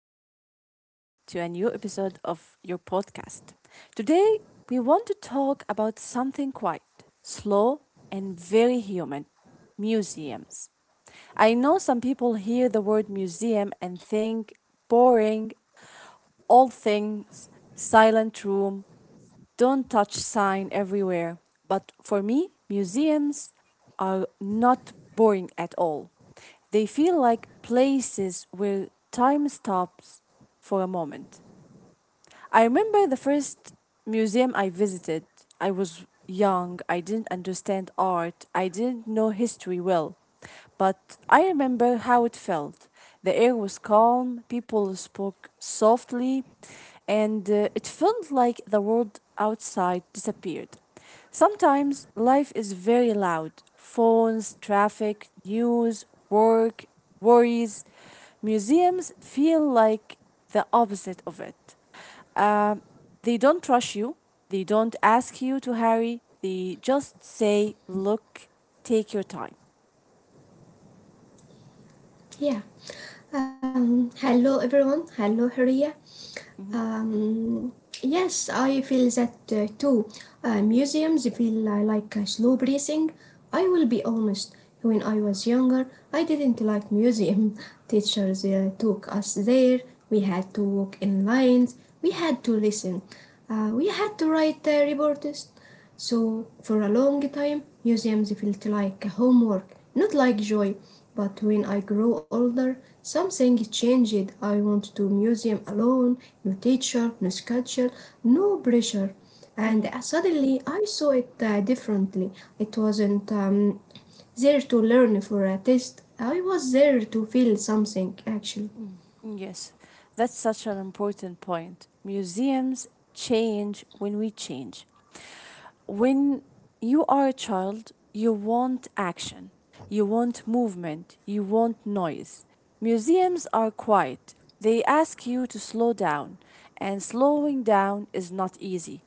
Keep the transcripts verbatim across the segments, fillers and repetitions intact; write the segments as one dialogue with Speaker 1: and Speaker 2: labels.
Speaker 1: welcome back to a new episode of your podcast. Today, we want to talk about something quiet, slow, and very human museums. I know some people hear the word museum and think boring, old things, silent room, don't touch sign everywhere. But for me, museums are not boring at all. They feel like places where time stops for a moment. I remember the first museum I visited. I was young, I didn't understand art, I didn't know history well, but I remember how it felt. The air was calm, people spoke softly, and uh, it felt like the world outside disappeared. Sometimes life is very loud phones, traffic, news, work, worries. Museums feel like the opposite of it. Um, they don't rush you. They don't ask you to hurry. They just say, look, take your time.
Speaker 2: Yeah. Um, hello, everyone. Hello, Haria.
Speaker 1: Hmm.
Speaker 2: Um, yes, I feel that uh, too. Uh, museums feel uh, like uh, slow breathing. I will be honest. When I was younger, I didn't like museum. Teachers uh, took us there. We had to walk in lines. We had to listen. Uh, we had to write uh, reports. So, for a long time, museums felt like homework, not like joy. But when I grew older, something changed. I want to museum alone, no teacher, no schedule, no pressure. And uh,
Speaker 1: Hmm.
Speaker 2: suddenly I saw it uh, differently. It wasn't um, there to learn for a test. I was there to feel something, actually.
Speaker 1: Yes, that's such an important point. Museums change when we change. When you are a child, you want action, you want movement, you want noise. Museums are quiet. They ask you to slow down, and slowing down is not easy.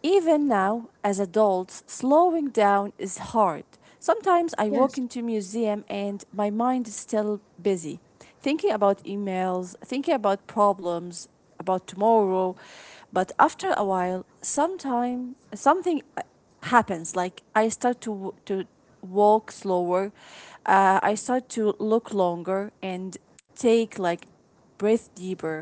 Speaker 1: Even now, as adults, slowing down is hard. Sometimes I walk
Speaker 2: Yes.
Speaker 1: into a museum and my mind is still busy, thinking about emails, thinking about problems, about tomorrow. But after a while, sometime something uh, happens. Like I start to to walk slower. Uh, I start to look longer and take like breath deeper.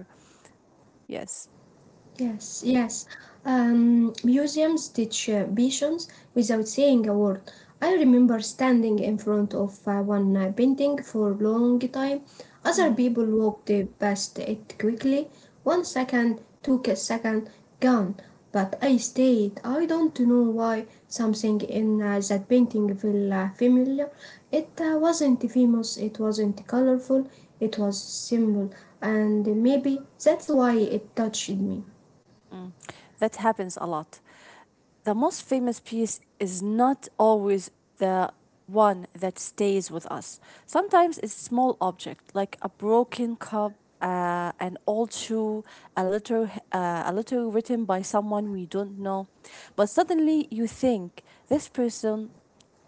Speaker 1: Yes.
Speaker 2: Yes, yes. Um, museums teach uh, visions without saying a word. I remember standing in front of uh, one uh, painting for a long time. Other
Speaker 1: Mhm.
Speaker 2: people walked past it quickly. One second, took a second gone, but I stayed. I don't know why. Something in uh, that painting felt uh, familiar. It uh, wasn't famous, it wasn't colorful, it was simple, and maybe that's why it touched me.
Speaker 1: That happens a lot. The most famous piece is not always the one that stays with us. Sometimes it's small object like a broken cup, uh, an old shoe, a letter, uh, a letter written by someone we don't know. But suddenly you think this person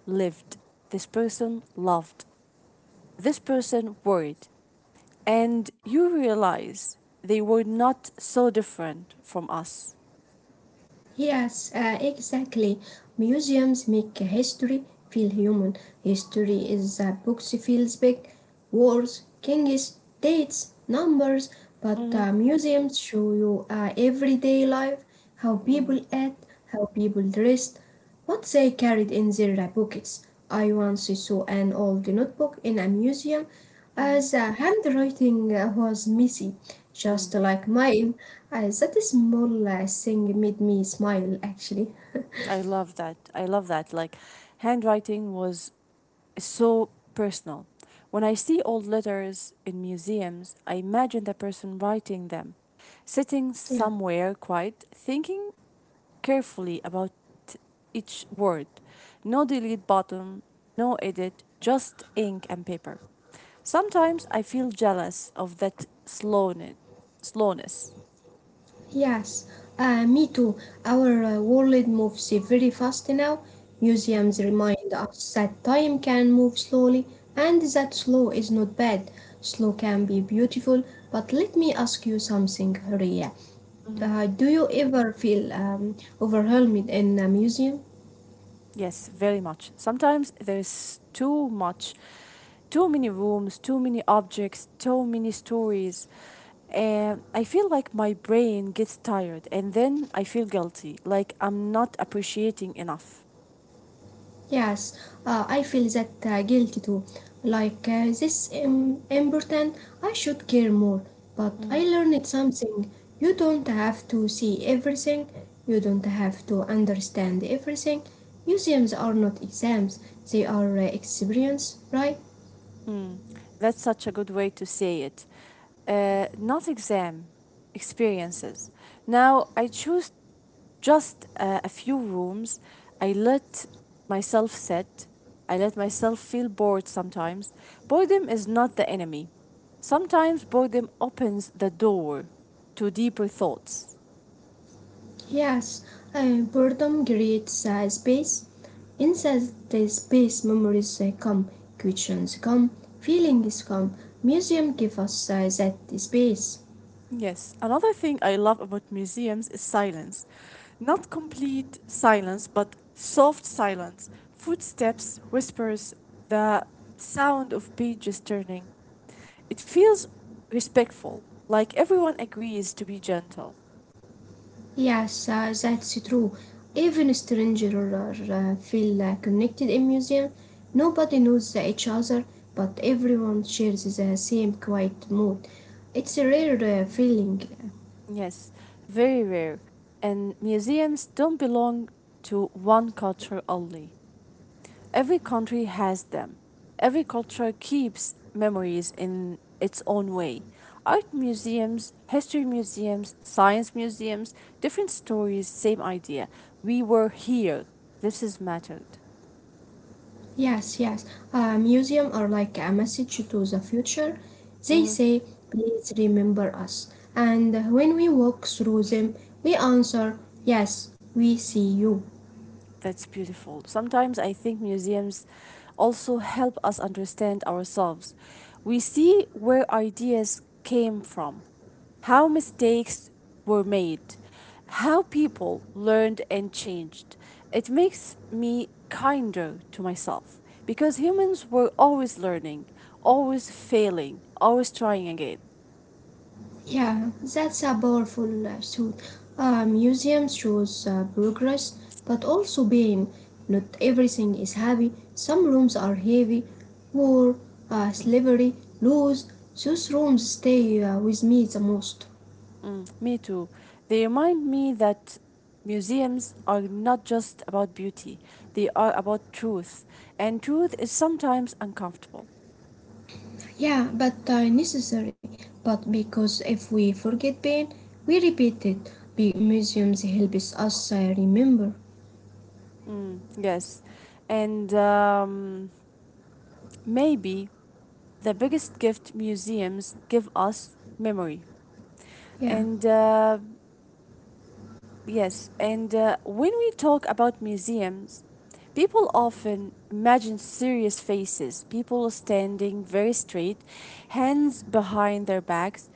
Speaker 1: lived, this person loved, this person worried and you realize they were not so different from us.
Speaker 2: Yes, uh, exactly. Museums make history feel human. History is a books feels big, wars, kings, dates, numbers, but
Speaker 1: Mm-hmm.
Speaker 2: uh, museums show you uh, everyday life, how
Speaker 1: Mm-hmm.
Speaker 2: people act, how people dress, what they carried in their pockets. I once saw an old notebook in a museum.
Speaker 1: Mm-hmm.
Speaker 2: Uh, the handwriting uh, was messy,
Speaker 1: Mm.
Speaker 2: just like mine. Uh, that small uh, thing made me smile, actually.
Speaker 1: I love that, I love that, like handwriting was so personal. When I see old letters in museums, I imagine the person writing them, sitting
Speaker 2: Yeah.
Speaker 1: somewhere quiet, thinking carefully about each word, no delete button, no edit, just ink and paper. Sometimes I feel jealous of that slowness. Slowness.
Speaker 2: Yes, uh, me too. Our uh, world moves very fast now.
Speaker 1: Mhm.
Speaker 2: Museums remind us that time can move slowly and that slow is not bad. Slow can be beautiful, but let me ask you something, Horia.
Speaker 1: Mhm.
Speaker 2: Uh, do you ever feel um, overwhelmed in a museum?
Speaker 1: Yes, very much. Sometimes there's too much, too many rooms, too many objects, too many stories. And I feel like my brain gets tired and then I feel guilty, like I'm not appreciating enough.
Speaker 2: Yes, uh, I feel that uh, guilty too. Like uh, this im- important, I should care more. But I
Speaker 1: Mm.
Speaker 2: learned something. You don't have to see everything. You don't have to understand everything. Museums are not exams. They are uh, experience, right?
Speaker 1: That's such a good way to say it. Uh, not exam, experiences. Now I choose just uh, a few rooms. I let myself sit. I let myself feel bored sometimes. Boredom is not the enemy. Sometimes boredom opens the door to deeper thoughts.
Speaker 2: Yes, uh, boredom creates uh, space. Inside the space, memories uh, come, questions come, feelings come. Museum give us uh, that space.
Speaker 1: Yes, another thing I love about museums is silence. Not complete silence, but soft silence. Footsteps, whispers, the sound of pages turning. It feels respectful, like everyone agrees to be gentle.
Speaker 2: Yes, uh, that's true. Even strangers uh, feel uh, connected in museum. Nobody knows each other, but everyone shares the same quiet mood. It's a rare uh, feeling.
Speaker 1: Yes, very rare. And museums don't belong to one culture only. Every country has them. Every culture keeps memories in its own way. Art museums, history museums, science museums, different stories, same idea. We were here. This is mattered.
Speaker 2: Yes, yes. Uh, museum are like a message to the future. They
Speaker 1: Mhm.
Speaker 2: say, please remember us. And when we walk through them, we answer, yes, we see you.
Speaker 1: That's beautiful. Sometimes I think museums also help us understand ourselves. We see where ideas came from, how mistakes were made, how people learned and changed. It makes me kinder to myself because humans were always learning, always failing, always trying again.
Speaker 2: Yeah, that's a powerful uh, suit. Uh, museums shows uh, progress, but also pain. Not everything is happy. Some rooms are heavy. War, uh, slavery, laws. Those rooms stay uh, with me the most.
Speaker 1: Mm, me too. They remind me that museums are not just about beauty, they are about truth, and truth is sometimes uncomfortable.
Speaker 2: Yeah, but uh, necessary. But because if we forget pain, we repeat it. Big museums helps us uh, remember.
Speaker 1: Mm, yes. And um, maybe the biggest gift museums give us memory. And
Speaker 2: Yeah.
Speaker 1: uh, yes, and uh, when we talk about museums, people often imagine serious faces, people standing very straight, hands behind their backs.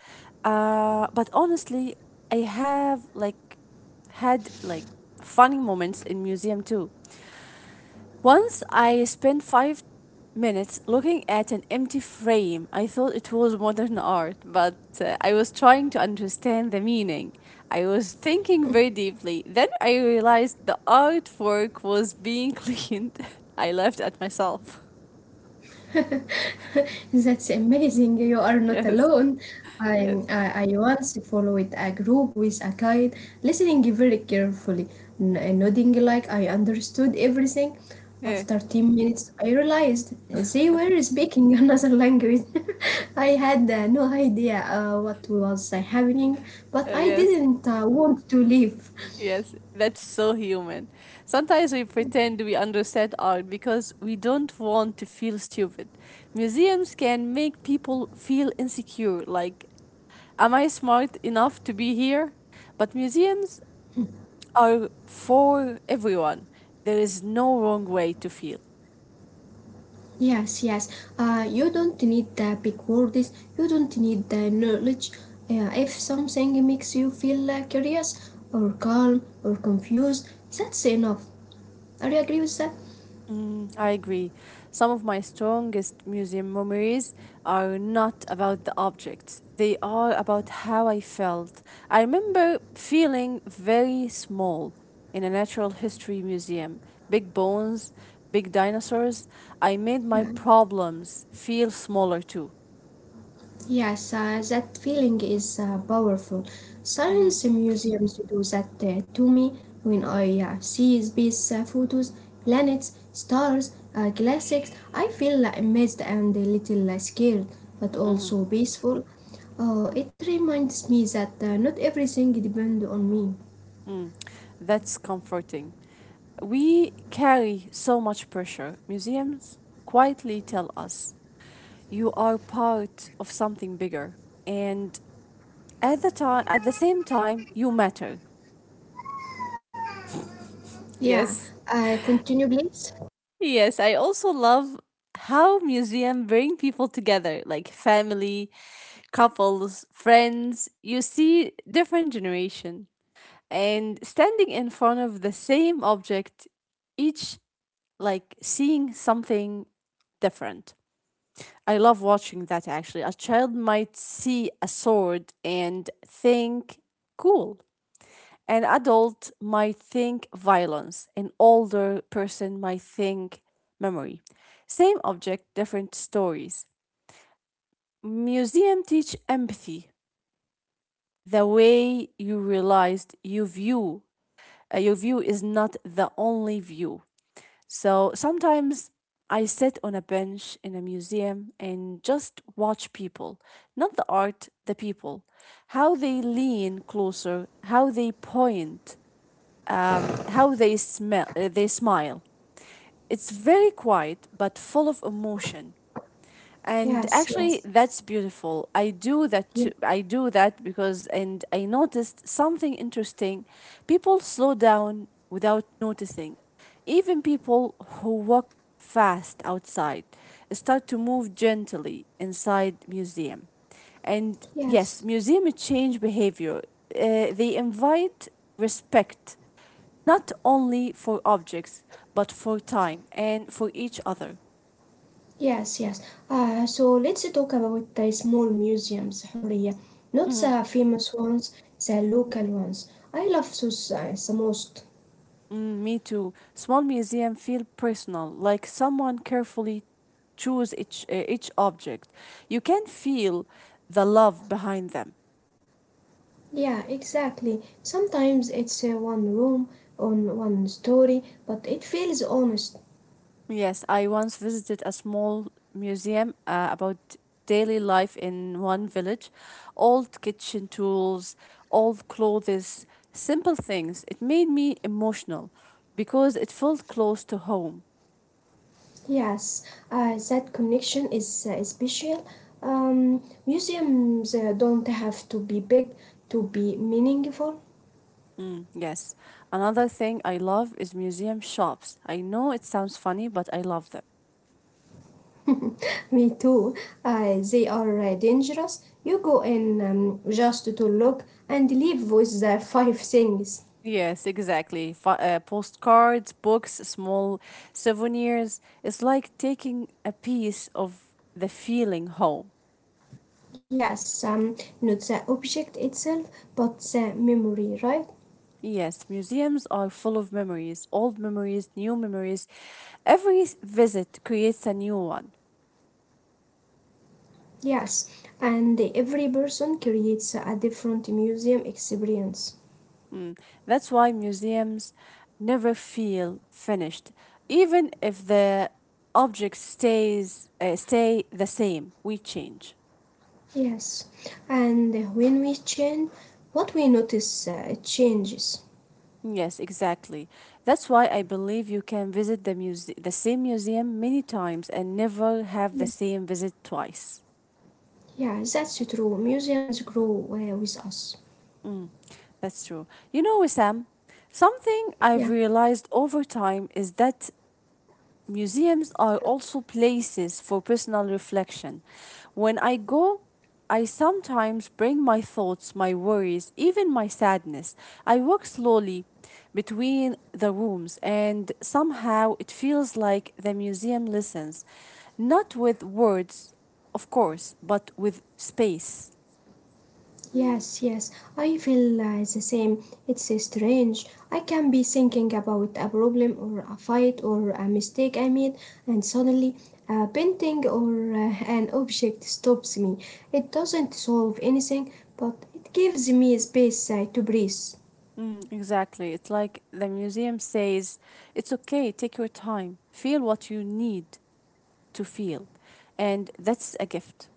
Speaker 1: Uh, but honestly, I have like had like funny moments in museum too. Once I spent five minutes looking at an empty frame. I thought it was modern art, but uh, I was trying to understand the meaning. I was thinking very deeply. Then I realized the artwork was being cleaned. I laughed at myself.
Speaker 2: That's amazing. You are not
Speaker 1: Yes,
Speaker 2: alone.
Speaker 1: yes,
Speaker 2: I'm, I, I once followed a group with a guide, listening very carefully, n- nodding like I understood everything.
Speaker 1: yeah,
Speaker 2: After ten minutes, I realized they were speaking another language. I had uh, no idea uh, what was uh, happening,
Speaker 1: uh,
Speaker 2: but I
Speaker 1: yes.
Speaker 2: didn't uh, want to leave.
Speaker 1: Yes, that's so human. Sometimes we pretend we understand art because we don't want to feel stupid. Museums can make people feel insecure, like, am I smart enough to be here? But museums are for everyone. There is no wrong way to feel.
Speaker 2: Yes, yes. Uh, you don't need the big words. You don't need the knowledge. Uh, if something makes you feel uh, curious or calm or confused, that's enough. Are you agree with that?
Speaker 1: I agree. Some of my strongest museum memories are not about the objects, they are about how I felt. I remember feeling very small in a natural history museum, big bones, big dinosaurs. I made my
Speaker 2: Yeah.
Speaker 1: problems feel smaller too.
Speaker 2: Yes, uh, that feeling is uh, powerful.
Speaker 1: Hmm.
Speaker 2: Science museums do that uh, to me when I uh, see space uh, photos, planets, stars, uh, classics. I feel uh, amazed and a little uh, scared, but
Speaker 1: Hmm.
Speaker 2: also peaceful. Uh, it reminds me that uh, not everything depends on me.
Speaker 1: Mm. That's comforting. We carry so much pressure. Museums quietly tell us you are part of something bigger and at the time at the same time you matter.
Speaker 2: Yeah,
Speaker 1: Yes.
Speaker 2: uh, continue, please.
Speaker 1: Yes, I also love how museum bring people together, like family, couples, friends. You see different generation and standing in front of the same object, each like seeing something different. I love watching that, actually. A child might see a sword and think cool. An adult might think violence, an older person might think memory. Same object, different stories. Museum teach empathy, the way you realized you view. Uh, your view is not the only view. So sometimes I sit on a bench in a museum and just watch people, not the art, the people, how they lean closer, how they point, um, how they smell uh, they smile. It's very quiet but full of emotion, and
Speaker 2: Yes,
Speaker 1: actually
Speaker 2: yes,
Speaker 1: that's beautiful. I do that
Speaker 2: yes,
Speaker 1: too. I do that because and I noticed something interesting, people slow down without noticing. Even people who walk fast outside start to move gently inside museum. And yes,
Speaker 2: yes.
Speaker 1: museum change behavior. Uh, they invite respect, not only for objects, but for time and for each other.
Speaker 2: Yes, yes. Uh, so let's talk about the small museums, Huria, not
Speaker 1: Mhm.
Speaker 2: the famous ones, the local ones. I love those uh, the most.
Speaker 1: Mm, me too. Small museum feel personal, like someone carefully choose each uh, each object. You can feel the love behind them.
Speaker 2: Yeah, exactly. Sometimes it's uh, one room on one story, but it feels honest.
Speaker 1: Yes, I once visited a small museum uh, about daily life in one village. Old kitchen tools, old clothes, simple things. It made me emotional because it felt close to home.
Speaker 2: Yes, uh, that connection is uh, special. Um, museums uh, don't have to be big to be meaningful.
Speaker 1: Mm, yes. Another thing I love is museum shops. I know it sounds funny, but I love them.
Speaker 2: Me too. Uh, they are uh, dangerous. You go in um, just to look and leave with the five things.
Speaker 1: Yes, exactly. F uh, Postcards, books, small souvenirs. It's like taking a piece of the feeling home.
Speaker 2: Yes, um, not the object itself, but the memory, right?
Speaker 1: Yes, museums are full of memories, old memories, new memories. Every s- visit creates a new one.
Speaker 2: Yes, and every person creates a different museum experience.
Speaker 1: Mm. That's why museums never feel finished, even if the object stays uh, stay the same. We change.
Speaker 2: Yes, and when we change, what we notice uh, changes.
Speaker 1: Yes, exactly. That's why I believe you can visit the muse- the same museum many times and never have the
Speaker 2: Yeah,
Speaker 1: same visit twice.
Speaker 2: yeah, that's true. Museums grow uh, with us.
Speaker 1: Mm. That's true. You know, Sam, something
Speaker 2: Yeah.
Speaker 1: I've realized over time is that museums are also places for personal reflection. When I go, I sometimes bring my thoughts, my worries, even my sadness. I walk slowly between the rooms, and somehow it feels like the museum listens, not with words, of course, but with space.
Speaker 2: Yes, yes, I feel uh, the same. It's strange. I can be thinking about a problem or a fight or a mistake I made, and suddenly a painting or uh, an object stops me. It doesn't solve anything, but it gives me space uh, to breathe.
Speaker 1: Mm, exactly. It's like the museum says, it's okay, take your time, feel what you need to feel. And that's a gift.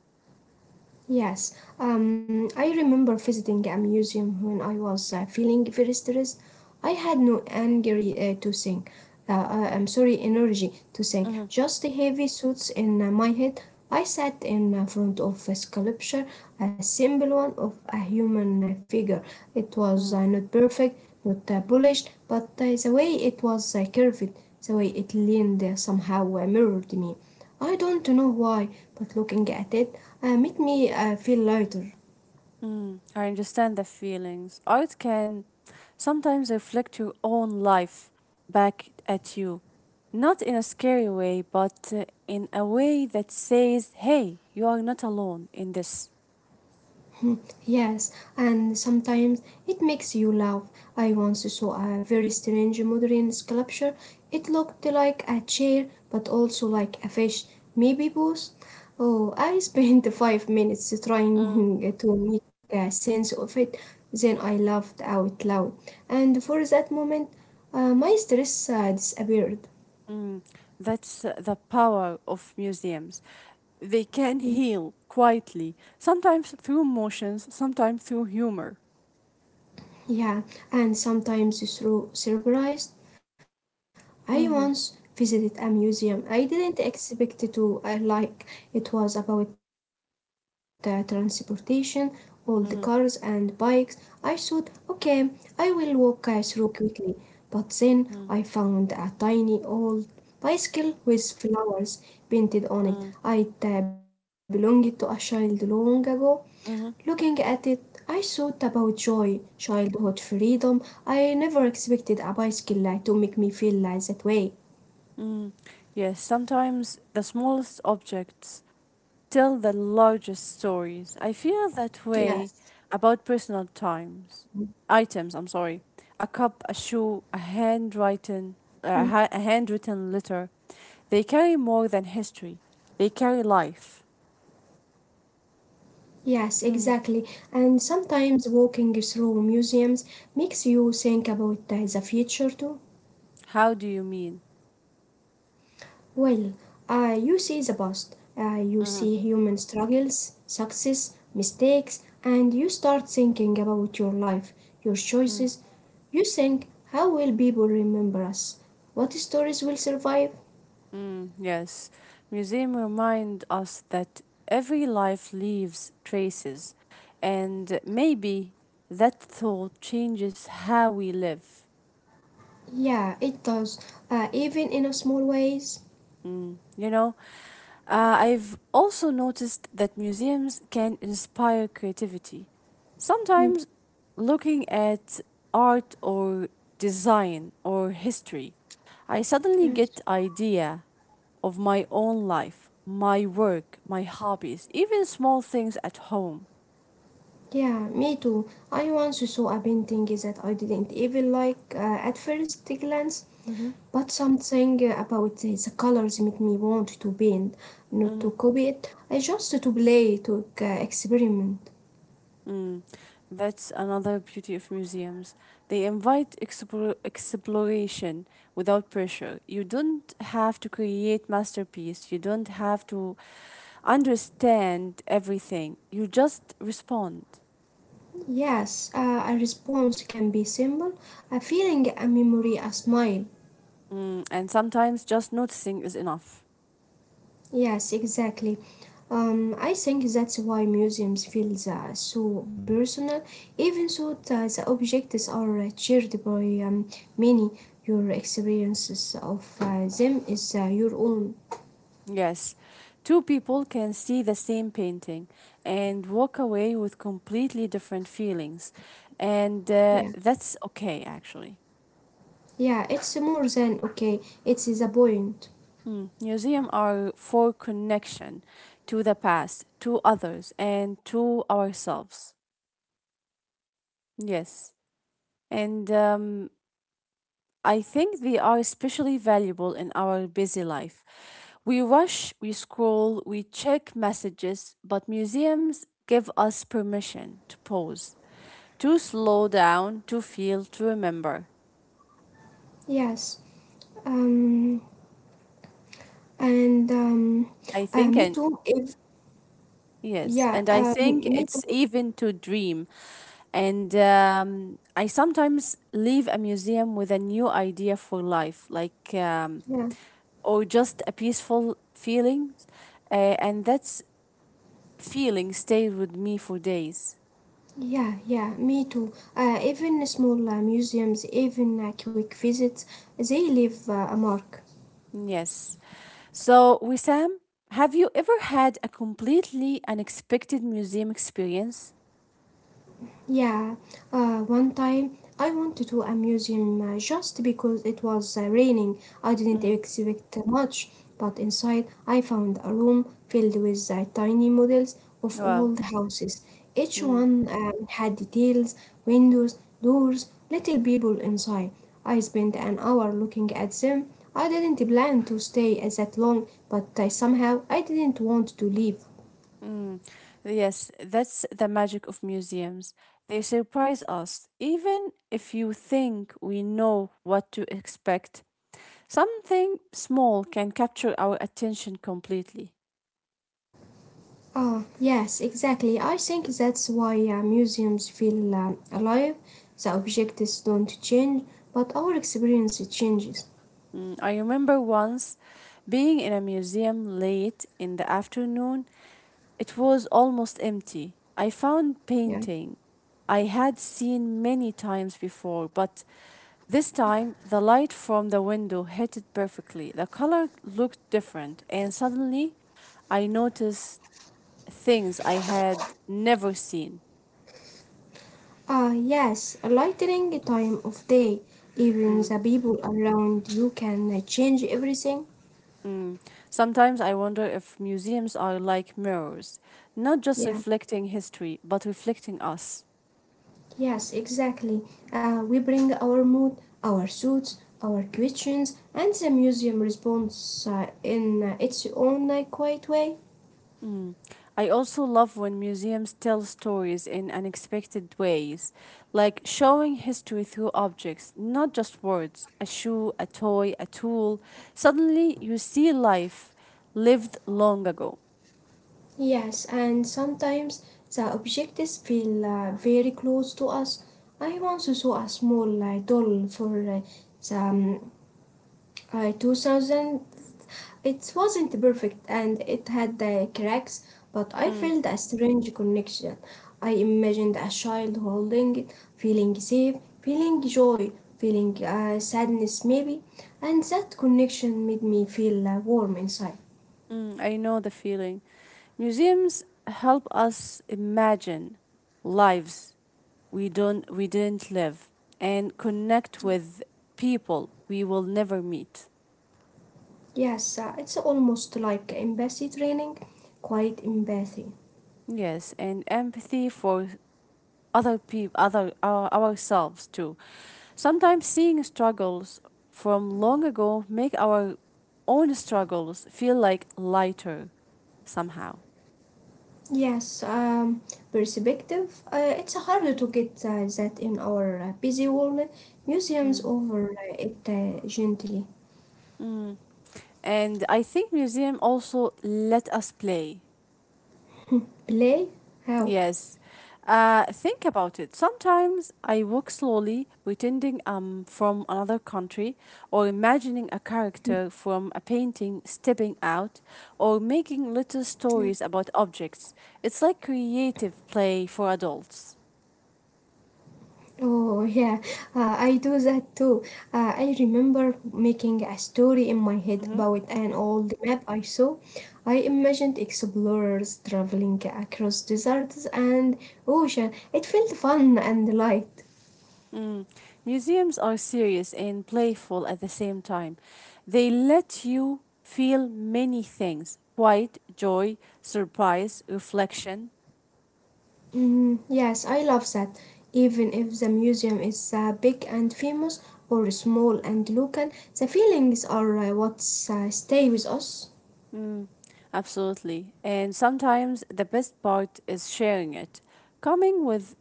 Speaker 2: Yes, um, I remember visiting a museum when I was uh, feeling very stressed. I had no angry uh, to sing. Uh, uh, I'm sorry, energy to sing.
Speaker 1: Mm.
Speaker 2: Just the heavy thoughts in uh, my head. I sat in uh, front of a sculpture, a simple one of a human uh, figure. It
Speaker 1: Mm.
Speaker 2: was uh, not perfect, not uh, polished, but uh, the way it was uh, curved, the way it leaned uh, somehow uh, mirrored me. I don't know why, but looking at it uh, made me uh, feel lighter.
Speaker 1: Mm. I understand the feelings. Art can sometimes reflect your own life back at you. Not in a scary way, but uh, in a way that says, hey, you are not alone in this.
Speaker 2: Yes, and sometimes it makes you laugh. I once saw a very strange modern sculpture. It looked like a chair, but also like a fish, maybe both. Oh, I spent five minutes
Speaker 1: Mm.
Speaker 2: trying to make a sense of it. Then I laughed out loud, and for that moment, uh, my stress uh, disappeared.
Speaker 1: Mm. That's uh, the power of museums. They can heal quietly, sometimes through emotions, sometimes through humor.
Speaker 2: Yeah, and sometimes through surprise, I once
Speaker 1: Mm-hmm.
Speaker 2: visited a museum I didn't expect to I like. It was about uh, transportation, old cars and bikes. I
Speaker 1: Mm-hmm.
Speaker 2: thought, okay, I will walk uh, through quickly. But then I found a
Speaker 1: Mm-hmm.
Speaker 2: tiny old bicycle with flowers painted on it. It uh,
Speaker 1: Mm-hmm.
Speaker 2: belonged to a child long ago. Looking at it, I thought about joy, childhood freedom. I never expected a bicycle uh, to make me feel uh, that way.
Speaker 1: Mm, yes, sometimes the smallest objects tell the largest stories. I feel that
Speaker 2: Yes.
Speaker 1: way about personal times. Items, I'm sorry. A cup, a shoe, a handwritten,
Speaker 2: Mm.
Speaker 1: a ha- a handwritten letter. They carry more than history. They carry life.
Speaker 2: Yes,
Speaker 1: Mhm.
Speaker 2: exactly. And sometimes walking through museums makes you think about uh, the future too.
Speaker 1: How do you mean?
Speaker 2: Well, uh, you see the past, uh, you
Speaker 1: Mhm.
Speaker 2: see human struggles, success, mistakes, and you start thinking about your life, your choices. You think, how will people remember us? What stories will survive?
Speaker 1: Mm, yes, museum remind us that every life leaves traces, and maybe that thought changes how we live.
Speaker 2: Yeah, it does, uh, even in a small ways.
Speaker 1: Mm, you know, uh, I've also noticed that museums can inspire creativity. Sometimes
Speaker 2: Mm,
Speaker 1: looking at art or design or history, I suddenly
Speaker 2: yes.
Speaker 1: get idea of my own life, my work, my hobbies, even small things at home.
Speaker 2: Yeah, me too. I once saw a painting that I didn't even like uh, at first glance,
Speaker 1: Hmm.
Speaker 2: but something about the, the colors made me want to paint, not to copy it. I just to play, to uh, experiment.
Speaker 1: Mm, that's another beauty of museums. They invite explore, exploration without pressure. You don't have to create masterpiece. You don't have to understand everything. You just respond.
Speaker 2: Yes, uh, a response can be simple, a feeling, a memory, a smile.
Speaker 1: Mm, and sometimes just noticing is enough.
Speaker 2: Yes, exactly. Um, I think that's why museums feel uh, so personal, even though the, the objects are uh, shared by um, many. Your experiences of uh, them is uh, your own.
Speaker 1: Yes, two people can see the same painting and walk away with completely different feelings. And uh,
Speaker 2: Yeah,
Speaker 1: that's okay, actually.
Speaker 2: yeah, it's more than okay. It's the point.
Speaker 1: Mm. Museums are for connection to the past, to others, and to ourselves. Yes. And um, I think they are especially valuable in our busy life. We rush, we scroll, we check messages, but museums give us permission to pause, to slow down, to feel, to remember.
Speaker 2: Yes. Um, and um,
Speaker 1: I think,
Speaker 2: uh,
Speaker 1: and
Speaker 2: me too. If
Speaker 1: yes,
Speaker 2: yeah,
Speaker 1: and I
Speaker 2: uh,
Speaker 1: think
Speaker 2: me
Speaker 1: it's
Speaker 2: too.
Speaker 1: even to dream. And um, I sometimes leave a museum with a new idea for life, like, um,
Speaker 2: Yeah.
Speaker 1: or just a peaceful feeling. Uh, and that feeling stays with me for days.
Speaker 2: Yeah, yeah, me too. Uh, even small uh, museums, even uh, quick visits, they leave uh, a mark.
Speaker 1: Yes. So, Wissam, have you ever had a completely unexpected museum experience?
Speaker 2: Yeah, uh, one time I wanted to a museum uh, just because it was uh, raining. I didn't
Speaker 1: Mm.
Speaker 2: expect much, but inside I found a room filled with uh, tiny models of
Speaker 1: Wow.
Speaker 2: all the houses. Each
Speaker 1: Mm.
Speaker 2: one um, had details, windows, doors, little people inside. I spent an hour looking at them. I didn't plan to stay uh, that long, but uh, somehow I didn't want to leave.
Speaker 1: Mm, yes, that's the magic of museums. They surprise us, even if you think we know what to expect. Something small can capture our attention completely.
Speaker 2: Oh, yes, exactly. I think that's why uh, museums feel um, alive. The objects don't change, but our experience changes.
Speaker 1: Mm, I remember once being in a museum late in the afternoon. It was almost empty. I found
Speaker 2: Yeah.
Speaker 1: painting I had seen many times before, but this time, the light from the window hit it perfectly. The color looked different, and suddenly I noticed things I had never seen.
Speaker 2: Ah, yes, a lightning time of day. Even
Speaker 1: Mm,
Speaker 2: the people around you can uh, change everything.
Speaker 1: mm. Sometimes I wonder if museums are like mirrors, not just
Speaker 2: Yeah.
Speaker 1: reflecting history, but reflecting us.
Speaker 2: Yes, exactly. Uh, we bring our mood, our suits, our questions, and the museum responds uh, in uh, its own uh, quiet way.
Speaker 1: Mm. I also love when museums tell stories in unexpected ways, like showing history through objects, not just words, a shoe, a toy, a tool. Suddenly you see life lived long ago.
Speaker 2: Yes, and sometimes the objects feel uh, very close to us. I once saw a small uh, doll for uh, the um, uh, two thousand. It wasn't perfect and it had uh, cracks, but I
Speaker 1: Mm.
Speaker 2: felt a strange connection. I imagined a child holding it, feeling safe, feeling joy, feeling uh, sadness maybe, and that connection made me feel uh, warm inside.
Speaker 1: Mm. I know the feeling. Museums help us imagine lives we don't we didn't live and connect with people we will never meet.
Speaker 2: Yes, uh, it's almost like empathy training, quite empathy.
Speaker 1: Yes, and empathy for other people, other our ourselves too. Sometimes seeing struggles from long ago make our own struggles feel like lighter somehow.
Speaker 2: Yes, um, perspective. Uh, it's hard to get uh, that in our uh, busy world. Museums
Speaker 1: Mm.
Speaker 2: over uh, it uh, gently.
Speaker 1: Mm. And I think museum also let us play.
Speaker 2: Play? How?
Speaker 1: Yes. Uh, think about it. Sometimes I walk slowly, pretending I'm from another country, or imagining a character from a painting stepping out, or making little stories about objects. It's like creative play for adults.
Speaker 2: Oh, yeah, uh, I do that too. Uh, I remember making a story in my head
Speaker 1: Hmm
Speaker 2: about an old map I saw. I imagined explorers traveling across deserts and ocean. It felt fun and light.
Speaker 1: Mm. Museums are serious and playful at the same time. They let you feel many things: quiet, joy, surprise, reflection.
Speaker 2: Mm, yes, I love that. Even if the museum is uh, big and famous or small and local, the feelings are uh, what uh, stay with us.
Speaker 1: Mm, absolutely. And sometimes the best part is sharing it. Coming with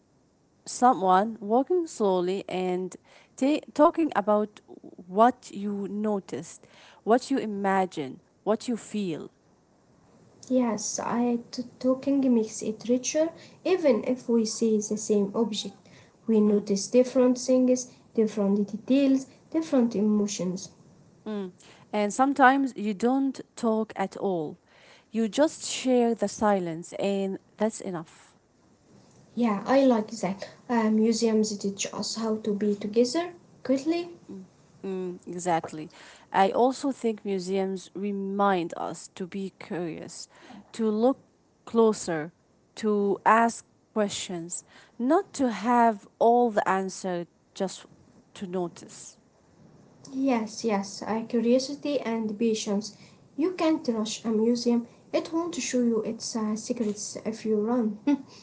Speaker 1: someone, walking slowly, and ta- talking about what you noticed, what you imagine, what you feel.
Speaker 2: Yes, I t- talking makes it richer. Even if we see the same object, we
Speaker 1: Mm,
Speaker 2: notice different things, different details, different emotions.
Speaker 1: mm. And sometimes you don't talk at all. You just share the silence, and that's enough.
Speaker 2: Yeah, I like that. Uh, museums teach us how to be together quickly.
Speaker 1: Mm, exactly. I also think museums remind us to be curious, to look closer, to ask questions, not to have all the answer just to notice.
Speaker 2: Yes, yes, uh, curiosity and patience. You can't rush a museum. It won't show you its uh, secrets if you run.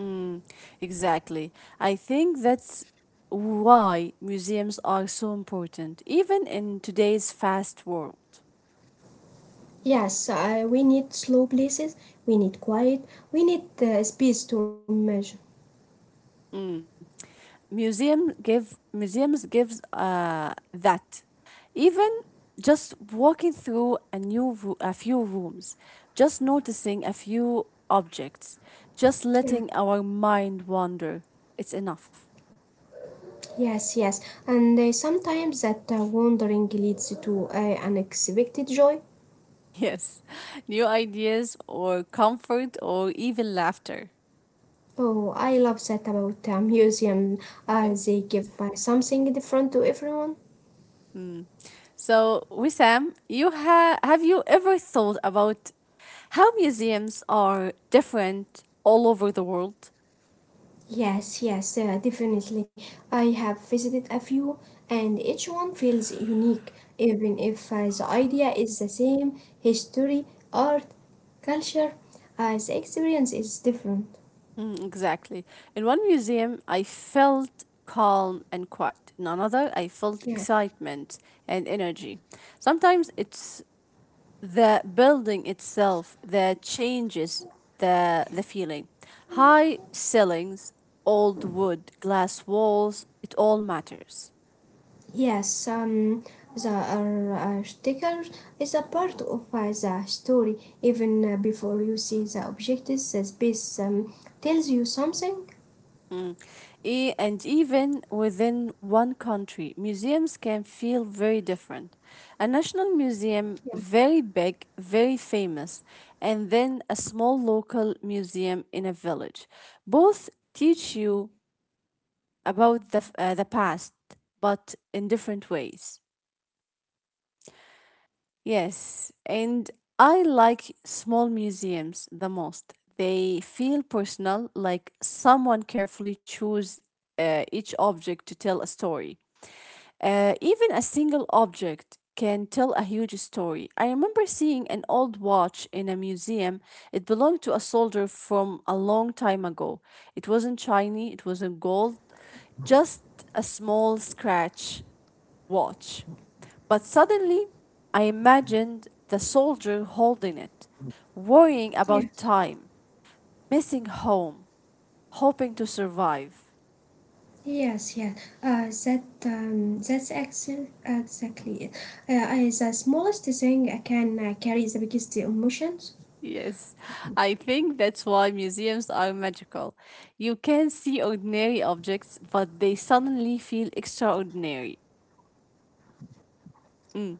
Speaker 1: Mm, exactly. I think that's why museums are so important, even in today's fast world.
Speaker 2: Yes, uh, we need slow places. We need quiet. We need uh, space to imagine.
Speaker 1: Mm. museum give museums gives uh, that, even just walking through a new roo- a few rooms, just noticing a few objects, just letting
Speaker 2: Yeah.
Speaker 1: our mind wander, it's enough.
Speaker 2: Yes, yes. And uh, sometimes that uh, wandering leads to uh, unexpected joy.
Speaker 1: Yes, new ideas or comfort or even laughter.
Speaker 2: Oh, I love that about a museum.
Speaker 1: Yes.
Speaker 2: Uh, they give uh, something different to everyone.
Speaker 1: Mm. So, Wissam, you ha- have you ever thought about how museums are different all over the world?
Speaker 2: Yes, yes, uh, definitely. I have visited a few, and each one feels unique, even if uh, the idea is the same: history, art, culture. Uh, the experience is different.
Speaker 1: Mm, exactly. In one museum, I felt calm and quiet. In another, I felt
Speaker 2: Yeah.
Speaker 1: excitement and energy. Sometimes it's the building itself that changes the, the feeling. High ceilings, old wood, glass walls, it all matters.
Speaker 2: Yes, um, the uh, uh, sticker is a part of uh, the story. Even uh, before you see the object, the space um, tells you something.
Speaker 1: Mm. E- and even within one country, museums can feel very different. A national museum,
Speaker 2: Yeah.
Speaker 1: very big, very famous, and then a small local museum in a village. Both teach you about the, f- uh, the past, but in different ways. Yes, and I like small museums the most. They feel personal, like someone carefully chose uh, each object to tell a story. Uh, even a single object can tell a huge story. I remember seeing an old watch in a museum. It belonged to a soldier from a long time ago. It wasn't shiny, it wasn't gold, just a small scratch watch. But suddenly I imagined the soldier holding it, worrying about
Speaker 2: Yes.
Speaker 1: time, missing home, hoping to survive.
Speaker 2: Yes, yes. Uh, that um, that's excel exactly it. Uh, uh, the smallest thing uh, can uh, carry the biggest emotions.
Speaker 1: Yes, I think that's why museums are magical. You can see ordinary objects, but they suddenly feel extraordinary. Mm.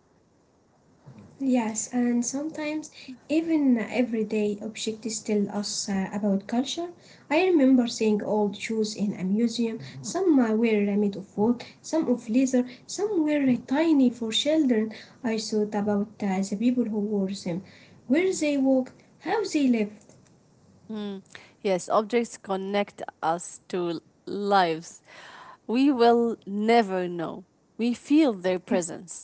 Speaker 2: Yes, and sometimes even everyday objects tell us uh, about culture. I remember seeing old shoes in a museum. Some uh, were made of wood, some of leather, some were uh, tiny for children. I thought about uh, the people who wore them, where they walked, how they lived.
Speaker 1: Mm. Yes, objects connect us to lives we will never know. We feel their
Speaker 2: Yeah.
Speaker 1: presence.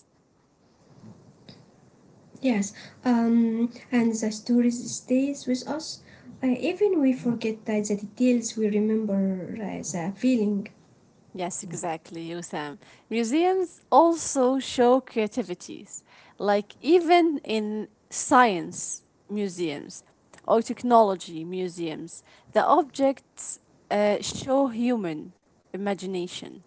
Speaker 2: Yes, um, and the stories stays with us. Uh, even we forget uh, the details, we remember uh, the feeling.
Speaker 1: Yes, exactly, Usam. Museums also show creativities, like even in science museums or technology museums, the objects uh, show human imagination.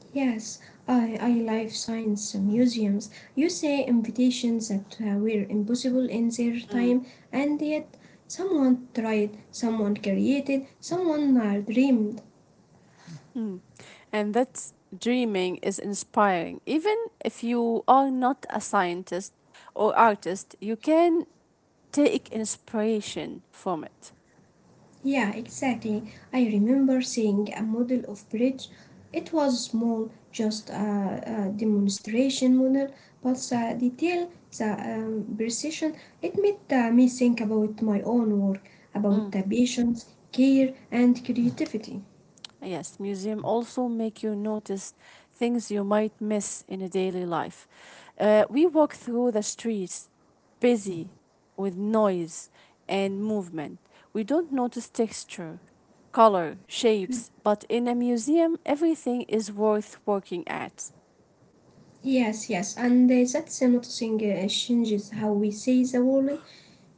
Speaker 2: Yes, I, I life science museums. You say invitations that uh, were impossible in their
Speaker 1: Mm.
Speaker 2: time, and yet someone tried, someone created, someone uh, dreamed.
Speaker 1: Mm. And that dreaming is inspiring. Even if you are not a scientist or artist, you can take inspiration from it.
Speaker 2: Yeah, exactly. I remember seeing a model of bridge. It was small, just a, a demonstration model, but the detail, the um, precision, it made uh, me think about my own work, about
Speaker 1: Mm.
Speaker 2: the patience, care, and creativity.
Speaker 1: Yes, museum also make you notice things you might miss in a daily life. Uh, we walk through the streets busy with noise and movement. We don't notice texture, color, shapes, but in a museum, everything is worth working at.
Speaker 2: Yes, yes, and uh, that noticing uh, changes how we see the world.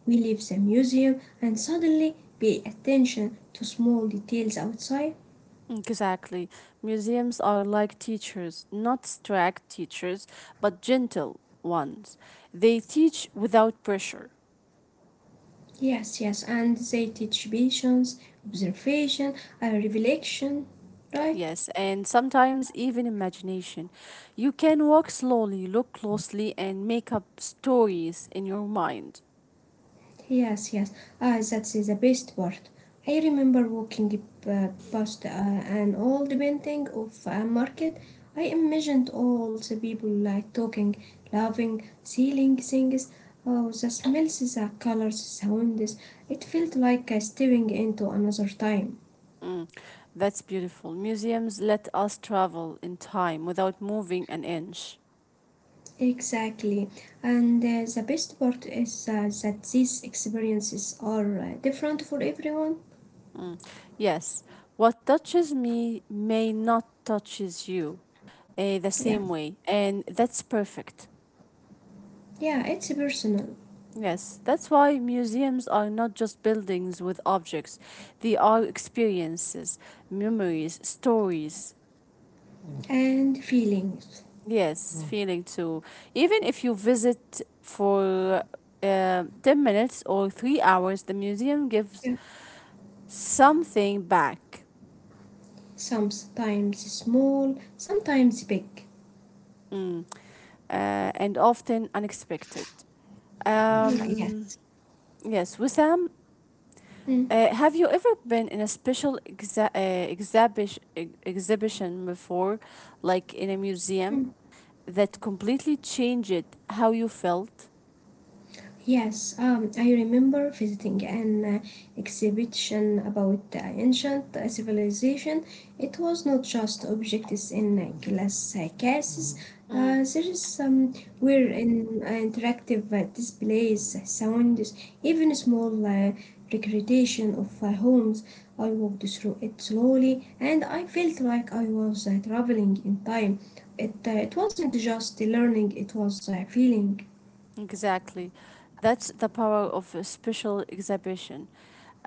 Speaker 2: We leave the museum and suddenly pay attention to small details outside.
Speaker 1: Exactly. Museums are like teachers, not strict teachers, but gentle ones. They teach without pressure.
Speaker 2: Yes, yes, and they teach patience, observation, and reflection, right?
Speaker 1: Yes, and sometimes even imagination. You can walk slowly, look closely, and make up stories in your mind.
Speaker 2: Yes, yes. Ah, that is the best part. I remember walking uh, past uh, an old painting of a market. I imagined all the people like talking, laughing, selling things. Oh, the smells, the colors, sounds. It felt like uh, stepping into another time.
Speaker 1: Mm, that's beautiful. Museums let us travel in time without moving an inch.
Speaker 2: Exactly. And uh, the best part is uh, that these experiences are uh, different for everyone.
Speaker 1: Mm, yes, what touches me may not touches you uh, the same
Speaker 2: Yeah,
Speaker 1: way, and that's perfect.
Speaker 2: yeah, it's personal
Speaker 1: Yes, that's why museums are not just buildings with objects. They are experiences, memories, stories.
Speaker 2: and feelings.
Speaker 1: Yes, feeling too. Even if you visit for uh, ten minutes or three hours, the museum gives
Speaker 2: Yeah.
Speaker 1: something back.
Speaker 2: Sometimes small, sometimes big.
Speaker 1: Mm. Uh, and often unexpected. Um,
Speaker 2: Yes.
Speaker 1: yes, Wissam,
Speaker 2: Mm.
Speaker 1: uh, have you ever been in a special exa- uh, exhibish- ex- exhibition before, like in a museum, that completely changed how you felt?
Speaker 2: Yes, um, I remember visiting an uh, exhibition about the ancient civilization. It was not just objects in uh, glass uh, cases.
Speaker 1: Mm.
Speaker 2: Uh, there is some were in uh, interactive uh, displays, uh, sounds, even small uh, recreation of uh, homes. I walked through it slowly, and I felt like I was uh, traveling in time. It uh, it wasn't just learning; it was uh, feeling.
Speaker 1: Exactly. That's the power of a special exhibition.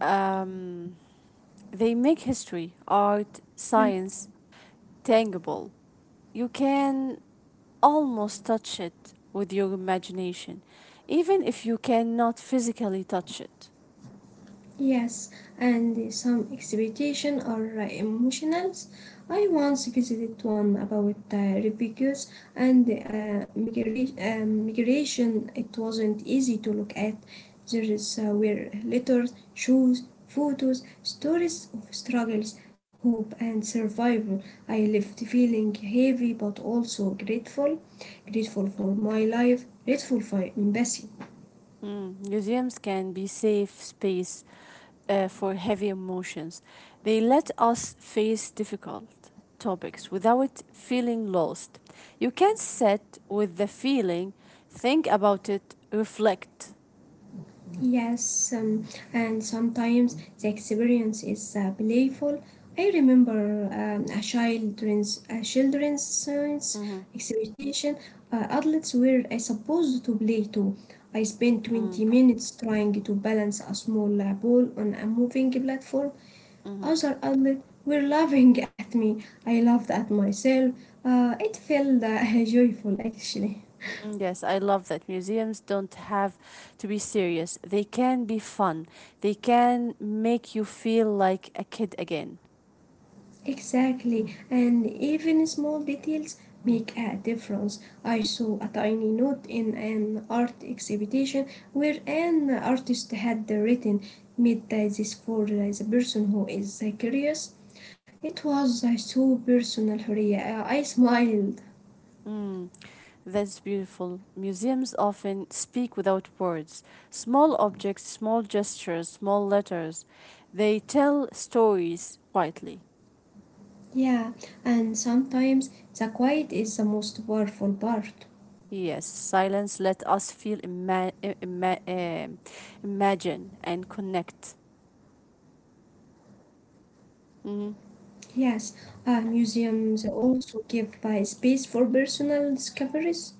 Speaker 1: Um, they make history, art, science tangible. You can almost touch it with your imagination, even if you cannot physically touch it.
Speaker 2: Yes, and some exhibition are uh, emotional. I once visited one about uh, refugees and uh, migra- uh, migration. It wasn't easy to look at. There is, uh, were letters, shoes, photos, stories of struggles, hope, and survival. I left feeling heavy but also grateful. Grateful for my life, grateful for embassy.
Speaker 1: Mm, museums can be safe space uh, for heavy emotions. They let us face difficult topics without feeling lost. You can sit with the feeling, think about it, reflect.
Speaker 2: Yes, um, and sometimes the experience is uh, playful. I remember um, a children's a children's science
Speaker 1: Hmm
Speaker 2: exhibition. Uh, adults were uh, supposed to play too. I spent twenty
Speaker 1: mm
Speaker 2: minutes trying to balance a small uh, ball on a moving platform.
Speaker 1: Mm-hmm.
Speaker 2: Other adults were laughing at me. I laughed at myself. Uh, it felt uh, joyful actually.
Speaker 1: Yes, I love that. Museums don't have to be serious. They can be fun. They can make you feel like a kid again.
Speaker 2: Exactly, and even small details make a difference. I saw a tiny note in an art exhibition where an artist had written, "Made this for the person who is so curious." It was so personal, Huria. I smiled.
Speaker 1: Mm. That's beautiful. Museums often speak without words. Small objects, small gestures, small letters. They tell stories quietly.
Speaker 2: Yeah, and sometimes the quiet is the most powerful part.
Speaker 1: Yes, silence let us feel, ima- i- ima- um, imagine, and connect. Hmm
Speaker 2: Yes, uh, museums also give uh, space for personal discoveries.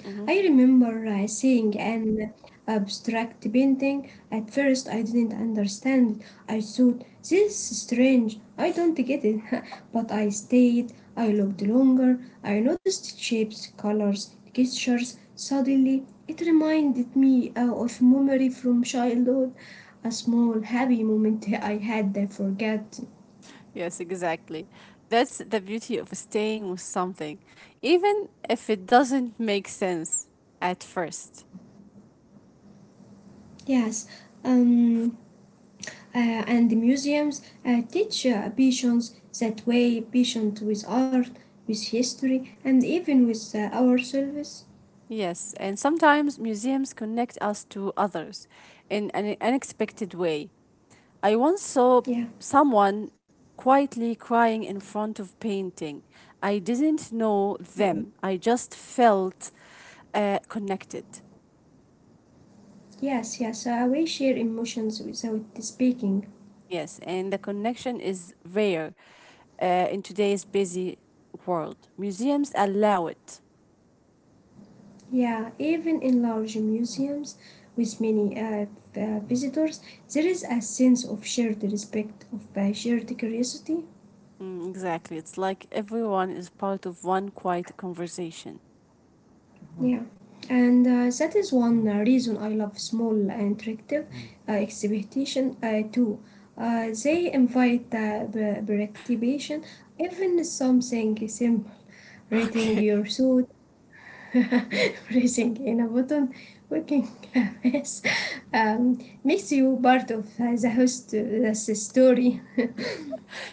Speaker 1: hmm
Speaker 2: I remember uh, seeing an abstract painting. At first, I didn't understand it. I thought, "This is strange. I don't get it." But I stayed. I looked longer. I noticed shapes, colors, textures. Suddenly, it reminded me uh, of memory from childhood, a small happy moment I had forgotten.
Speaker 1: Yes, exactly. That's the beauty of staying with something, even if it doesn't make sense at first.
Speaker 2: Yes. Um, uh, and museums uh, teach uh, patience that way, patient with art, with history, and even with uh, ourselves.
Speaker 1: Yes, and sometimes museums connect us to others in an unexpected way. I once saw
Speaker 2: Yeah.
Speaker 1: someone quietly crying in front of painting. I didn't know
Speaker 2: Mm.
Speaker 1: them. I just felt uh, connected.
Speaker 2: Yes, yes, uh, we share emotions without speaking.
Speaker 1: Yes, and the connection is rare uh, in today's busy world. Museums allow it.
Speaker 2: Yeah, even in large museums with many uh, v- uh, visitors, there is a sense of shared respect, of uh, shared curiosity.
Speaker 1: Mm, exactly. It's like everyone is part of one quiet conversation.
Speaker 2: Yeah, and uh, that is one uh, reason I love small and interactive uh, exhibition uh, too. Uh, they invite uh, b- participation, even something simple, reading
Speaker 1: Okay.
Speaker 2: your suit, pressing in a button, working a mess, um, makes you part of uh, the host, uh, the story.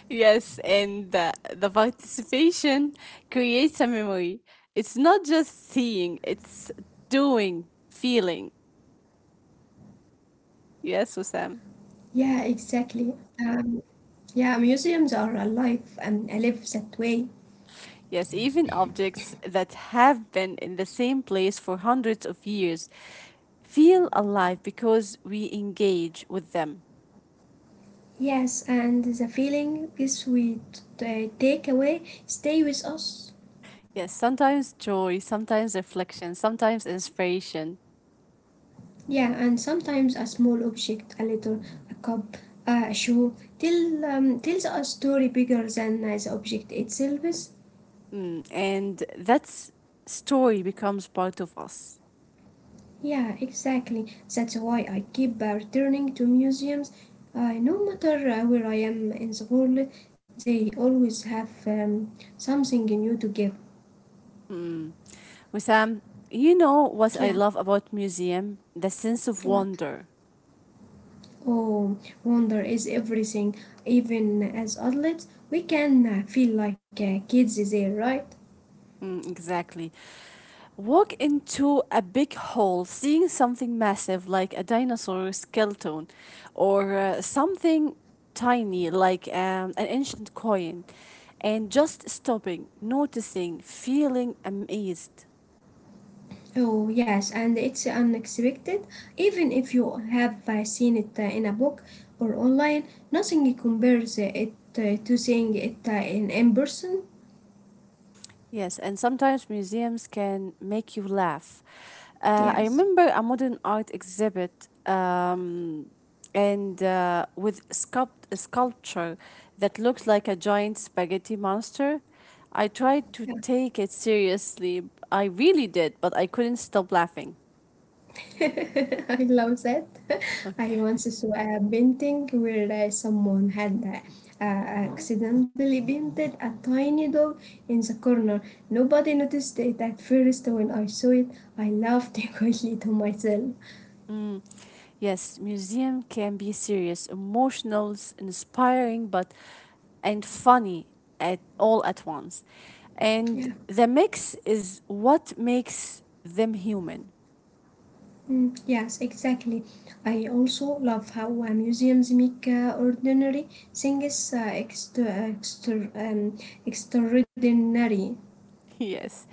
Speaker 1: Yes, and the, the participation creates a memory. It's not just seeing, it's doing, feeling. Yes,
Speaker 2: Yeah,
Speaker 1: Osam.
Speaker 2: exactly. Um, yeah, museums are alive and I live that way.
Speaker 1: Yes, even objects that have been in the same place for hundreds of years feel alive because we engage with them.
Speaker 2: Yes, and the feeling is we t- uh, take away stay with us.
Speaker 1: Yes, sometimes joy, sometimes reflection, sometimes inspiration.
Speaker 2: Yeah, and sometimes a small object, a letter, a cup, uh, a shoe, tell, um, tells a story bigger than uh, the object itself. Is.
Speaker 1: Mm, and that story becomes part of us.
Speaker 2: Yeah, exactly. That's why I keep uh, returning to museums. Uh, no matter uh, where I am in the world, they always have um, something new to give.
Speaker 1: Mm. Wissam, you know what
Speaker 2: Yeah.
Speaker 1: I love about museum? The sense of
Speaker 2: Yeah.
Speaker 1: wonder.
Speaker 2: Oh, wonder is everything. Even as adults, we can uh, feel like uh, kids there, right?
Speaker 1: Mm, exactly. Walk into a big hall, seeing something massive like a dinosaur skeleton, or uh, something tiny like um, an ancient coin, and just stopping, noticing, feeling amazed.
Speaker 2: Oh, yes, and it's unexpected. Even if you have uh, seen it uh, in a book or online, nothing compares uh, it uh, to seeing it uh, in, in person.
Speaker 1: Yes, and sometimes museums can make you laugh. Uh, I
Speaker 2: Yes.
Speaker 1: remember a modern art exhibit um, and uh, with sculpt- a sculpture that looked like a giant spaghetti monster. I tried to take it seriously. I really did, but I couldn't stop laughing.
Speaker 2: I love that. I once
Speaker 1: Okay.
Speaker 2: saw a painting where uh, someone had uh, uh, accidentally painted a tiny dog in the corner. Nobody noticed it at first. When I saw it, I laughed quietly to myself.
Speaker 1: Mm, yes, museum can be serious, emotional, s- inspiring, but and funny at all at once. And
Speaker 2: Yeah.
Speaker 1: the mix is what makes them human.
Speaker 2: Mm, yes, exactly. I also love how uh, museums make uh, ordinary things uh, extra, extra, um, extraordinary.
Speaker 1: Yes,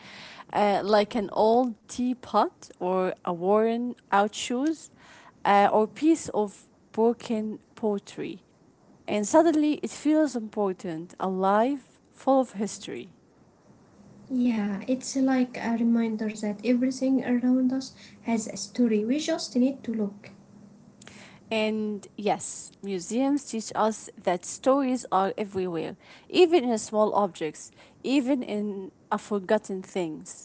Speaker 1: uh, like an old teapot or a worn out shoes, uh, or piece of broken pottery, and suddenly it feels important, alive, full of history.
Speaker 2: Yeah, it's like a reminder that everything around us has a story. We just need to look.
Speaker 1: And yes, museums teach us that stories are everywhere, even in small objects, even in a forgotten things.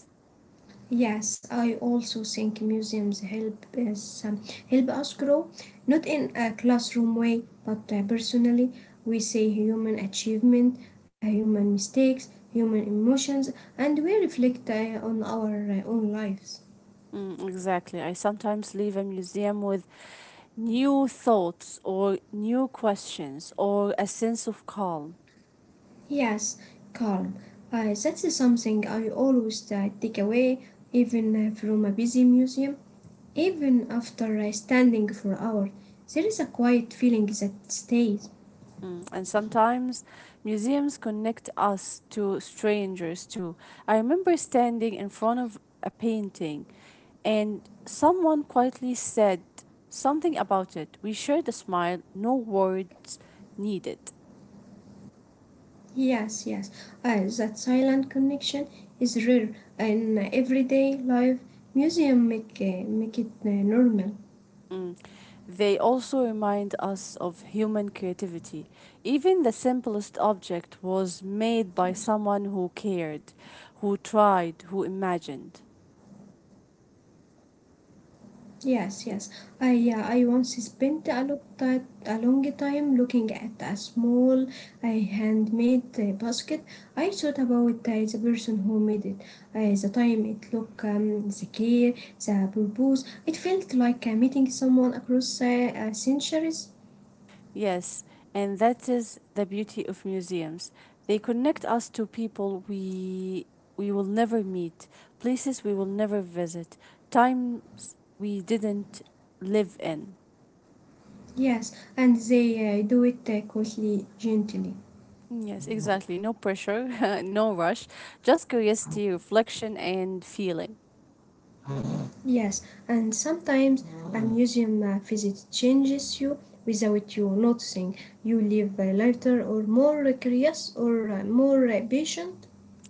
Speaker 2: Yes, I also think museums help us um, help us grow, not in a classroom way, but uh, personally. We see human achievement, uh, human mistakes, human emotions, and we reflect uh, on our uh, own lives.
Speaker 1: Mm, exactly. I sometimes leave a museum with new thoughts or new questions or a sense of calm.
Speaker 2: Yes, calm. Uh, that's something I always uh, take away, even uh, from a busy museum. Even after uh, standing for hours, there is a quiet feeling that stays.
Speaker 1: Mm, and sometimes museums connect us to strangers too. I remember standing in front of a painting and someone quietly said something about it. We shared a smile, no words needed.
Speaker 2: Yes, yes, uh, that silent connection is rare in everyday life. Museum make, uh, make it uh, normal.
Speaker 1: Mm. They also remind us of human creativity. Even the simplest object was made
Speaker 2: Yes.
Speaker 1: by someone who cared, who tried, who imagined.
Speaker 2: Yes, yes. I uh, I once spent a lot ti- a long time looking at a small uh, handmade uh, basket. I thought about uh, the person who made it, uh, the time it took, um, the care, the purpose. It felt like uh, meeting someone across uh, uh, centuries.
Speaker 1: Yes, and that is the beauty of museums. They connect us to people we we will never meet, places we will never visit, times we didn't live in.
Speaker 2: Yes, and they uh, do it uh, quickly, gently.
Speaker 1: Yes, exactly. No pressure, no rush, just curiosity, reflection, and feeling.
Speaker 2: Yes, and sometimes a museum uh, visit changes you without you noticing. You live uh, lighter, or more curious, or uh, more uh, patient.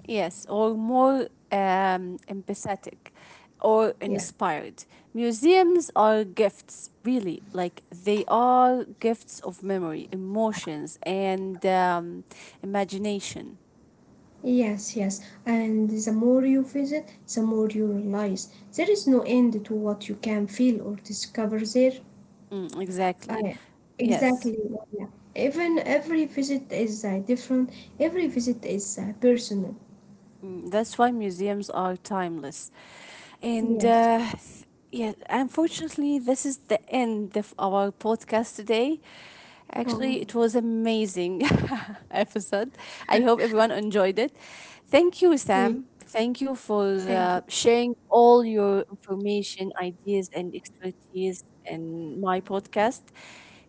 Speaker 1: Yes, or more um, empathetic or
Speaker 2: Yeah.
Speaker 1: inspired. Museums are gifts, really. Like they are gifts of memory, emotions, and um, imagination.
Speaker 2: Yes, yes. And the more you visit, the more you realize there is no end to what you can feel or discover there.
Speaker 1: Mm, exactly.
Speaker 2: I exactly.
Speaker 1: Yes.
Speaker 2: Yeah. Even every visit is uh, different. Every visit is uh, personal.
Speaker 1: Mm, that's why museums are timeless. And
Speaker 2: Yes.
Speaker 1: uh, th- yeah, unfortunately, this is the end of our podcast today.
Speaker 2: Oh,
Speaker 1: Actually, it was amazing episode. I hope everyone enjoyed it. Thank you,
Speaker 2: great.
Speaker 1: Sam. Thank you for
Speaker 2: Thank you.
Speaker 1: uh, sharing all your information, ideas, and expertise in my podcast.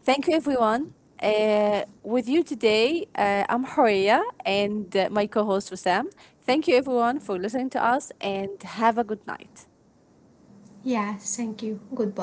Speaker 1: Thank you, everyone. Uh, with you today, uh, I'm Horia and uh, my co host, Sam. Thank you, everyone, for listening to us and have a good night.
Speaker 2: Yeah, thank you. Goodbye.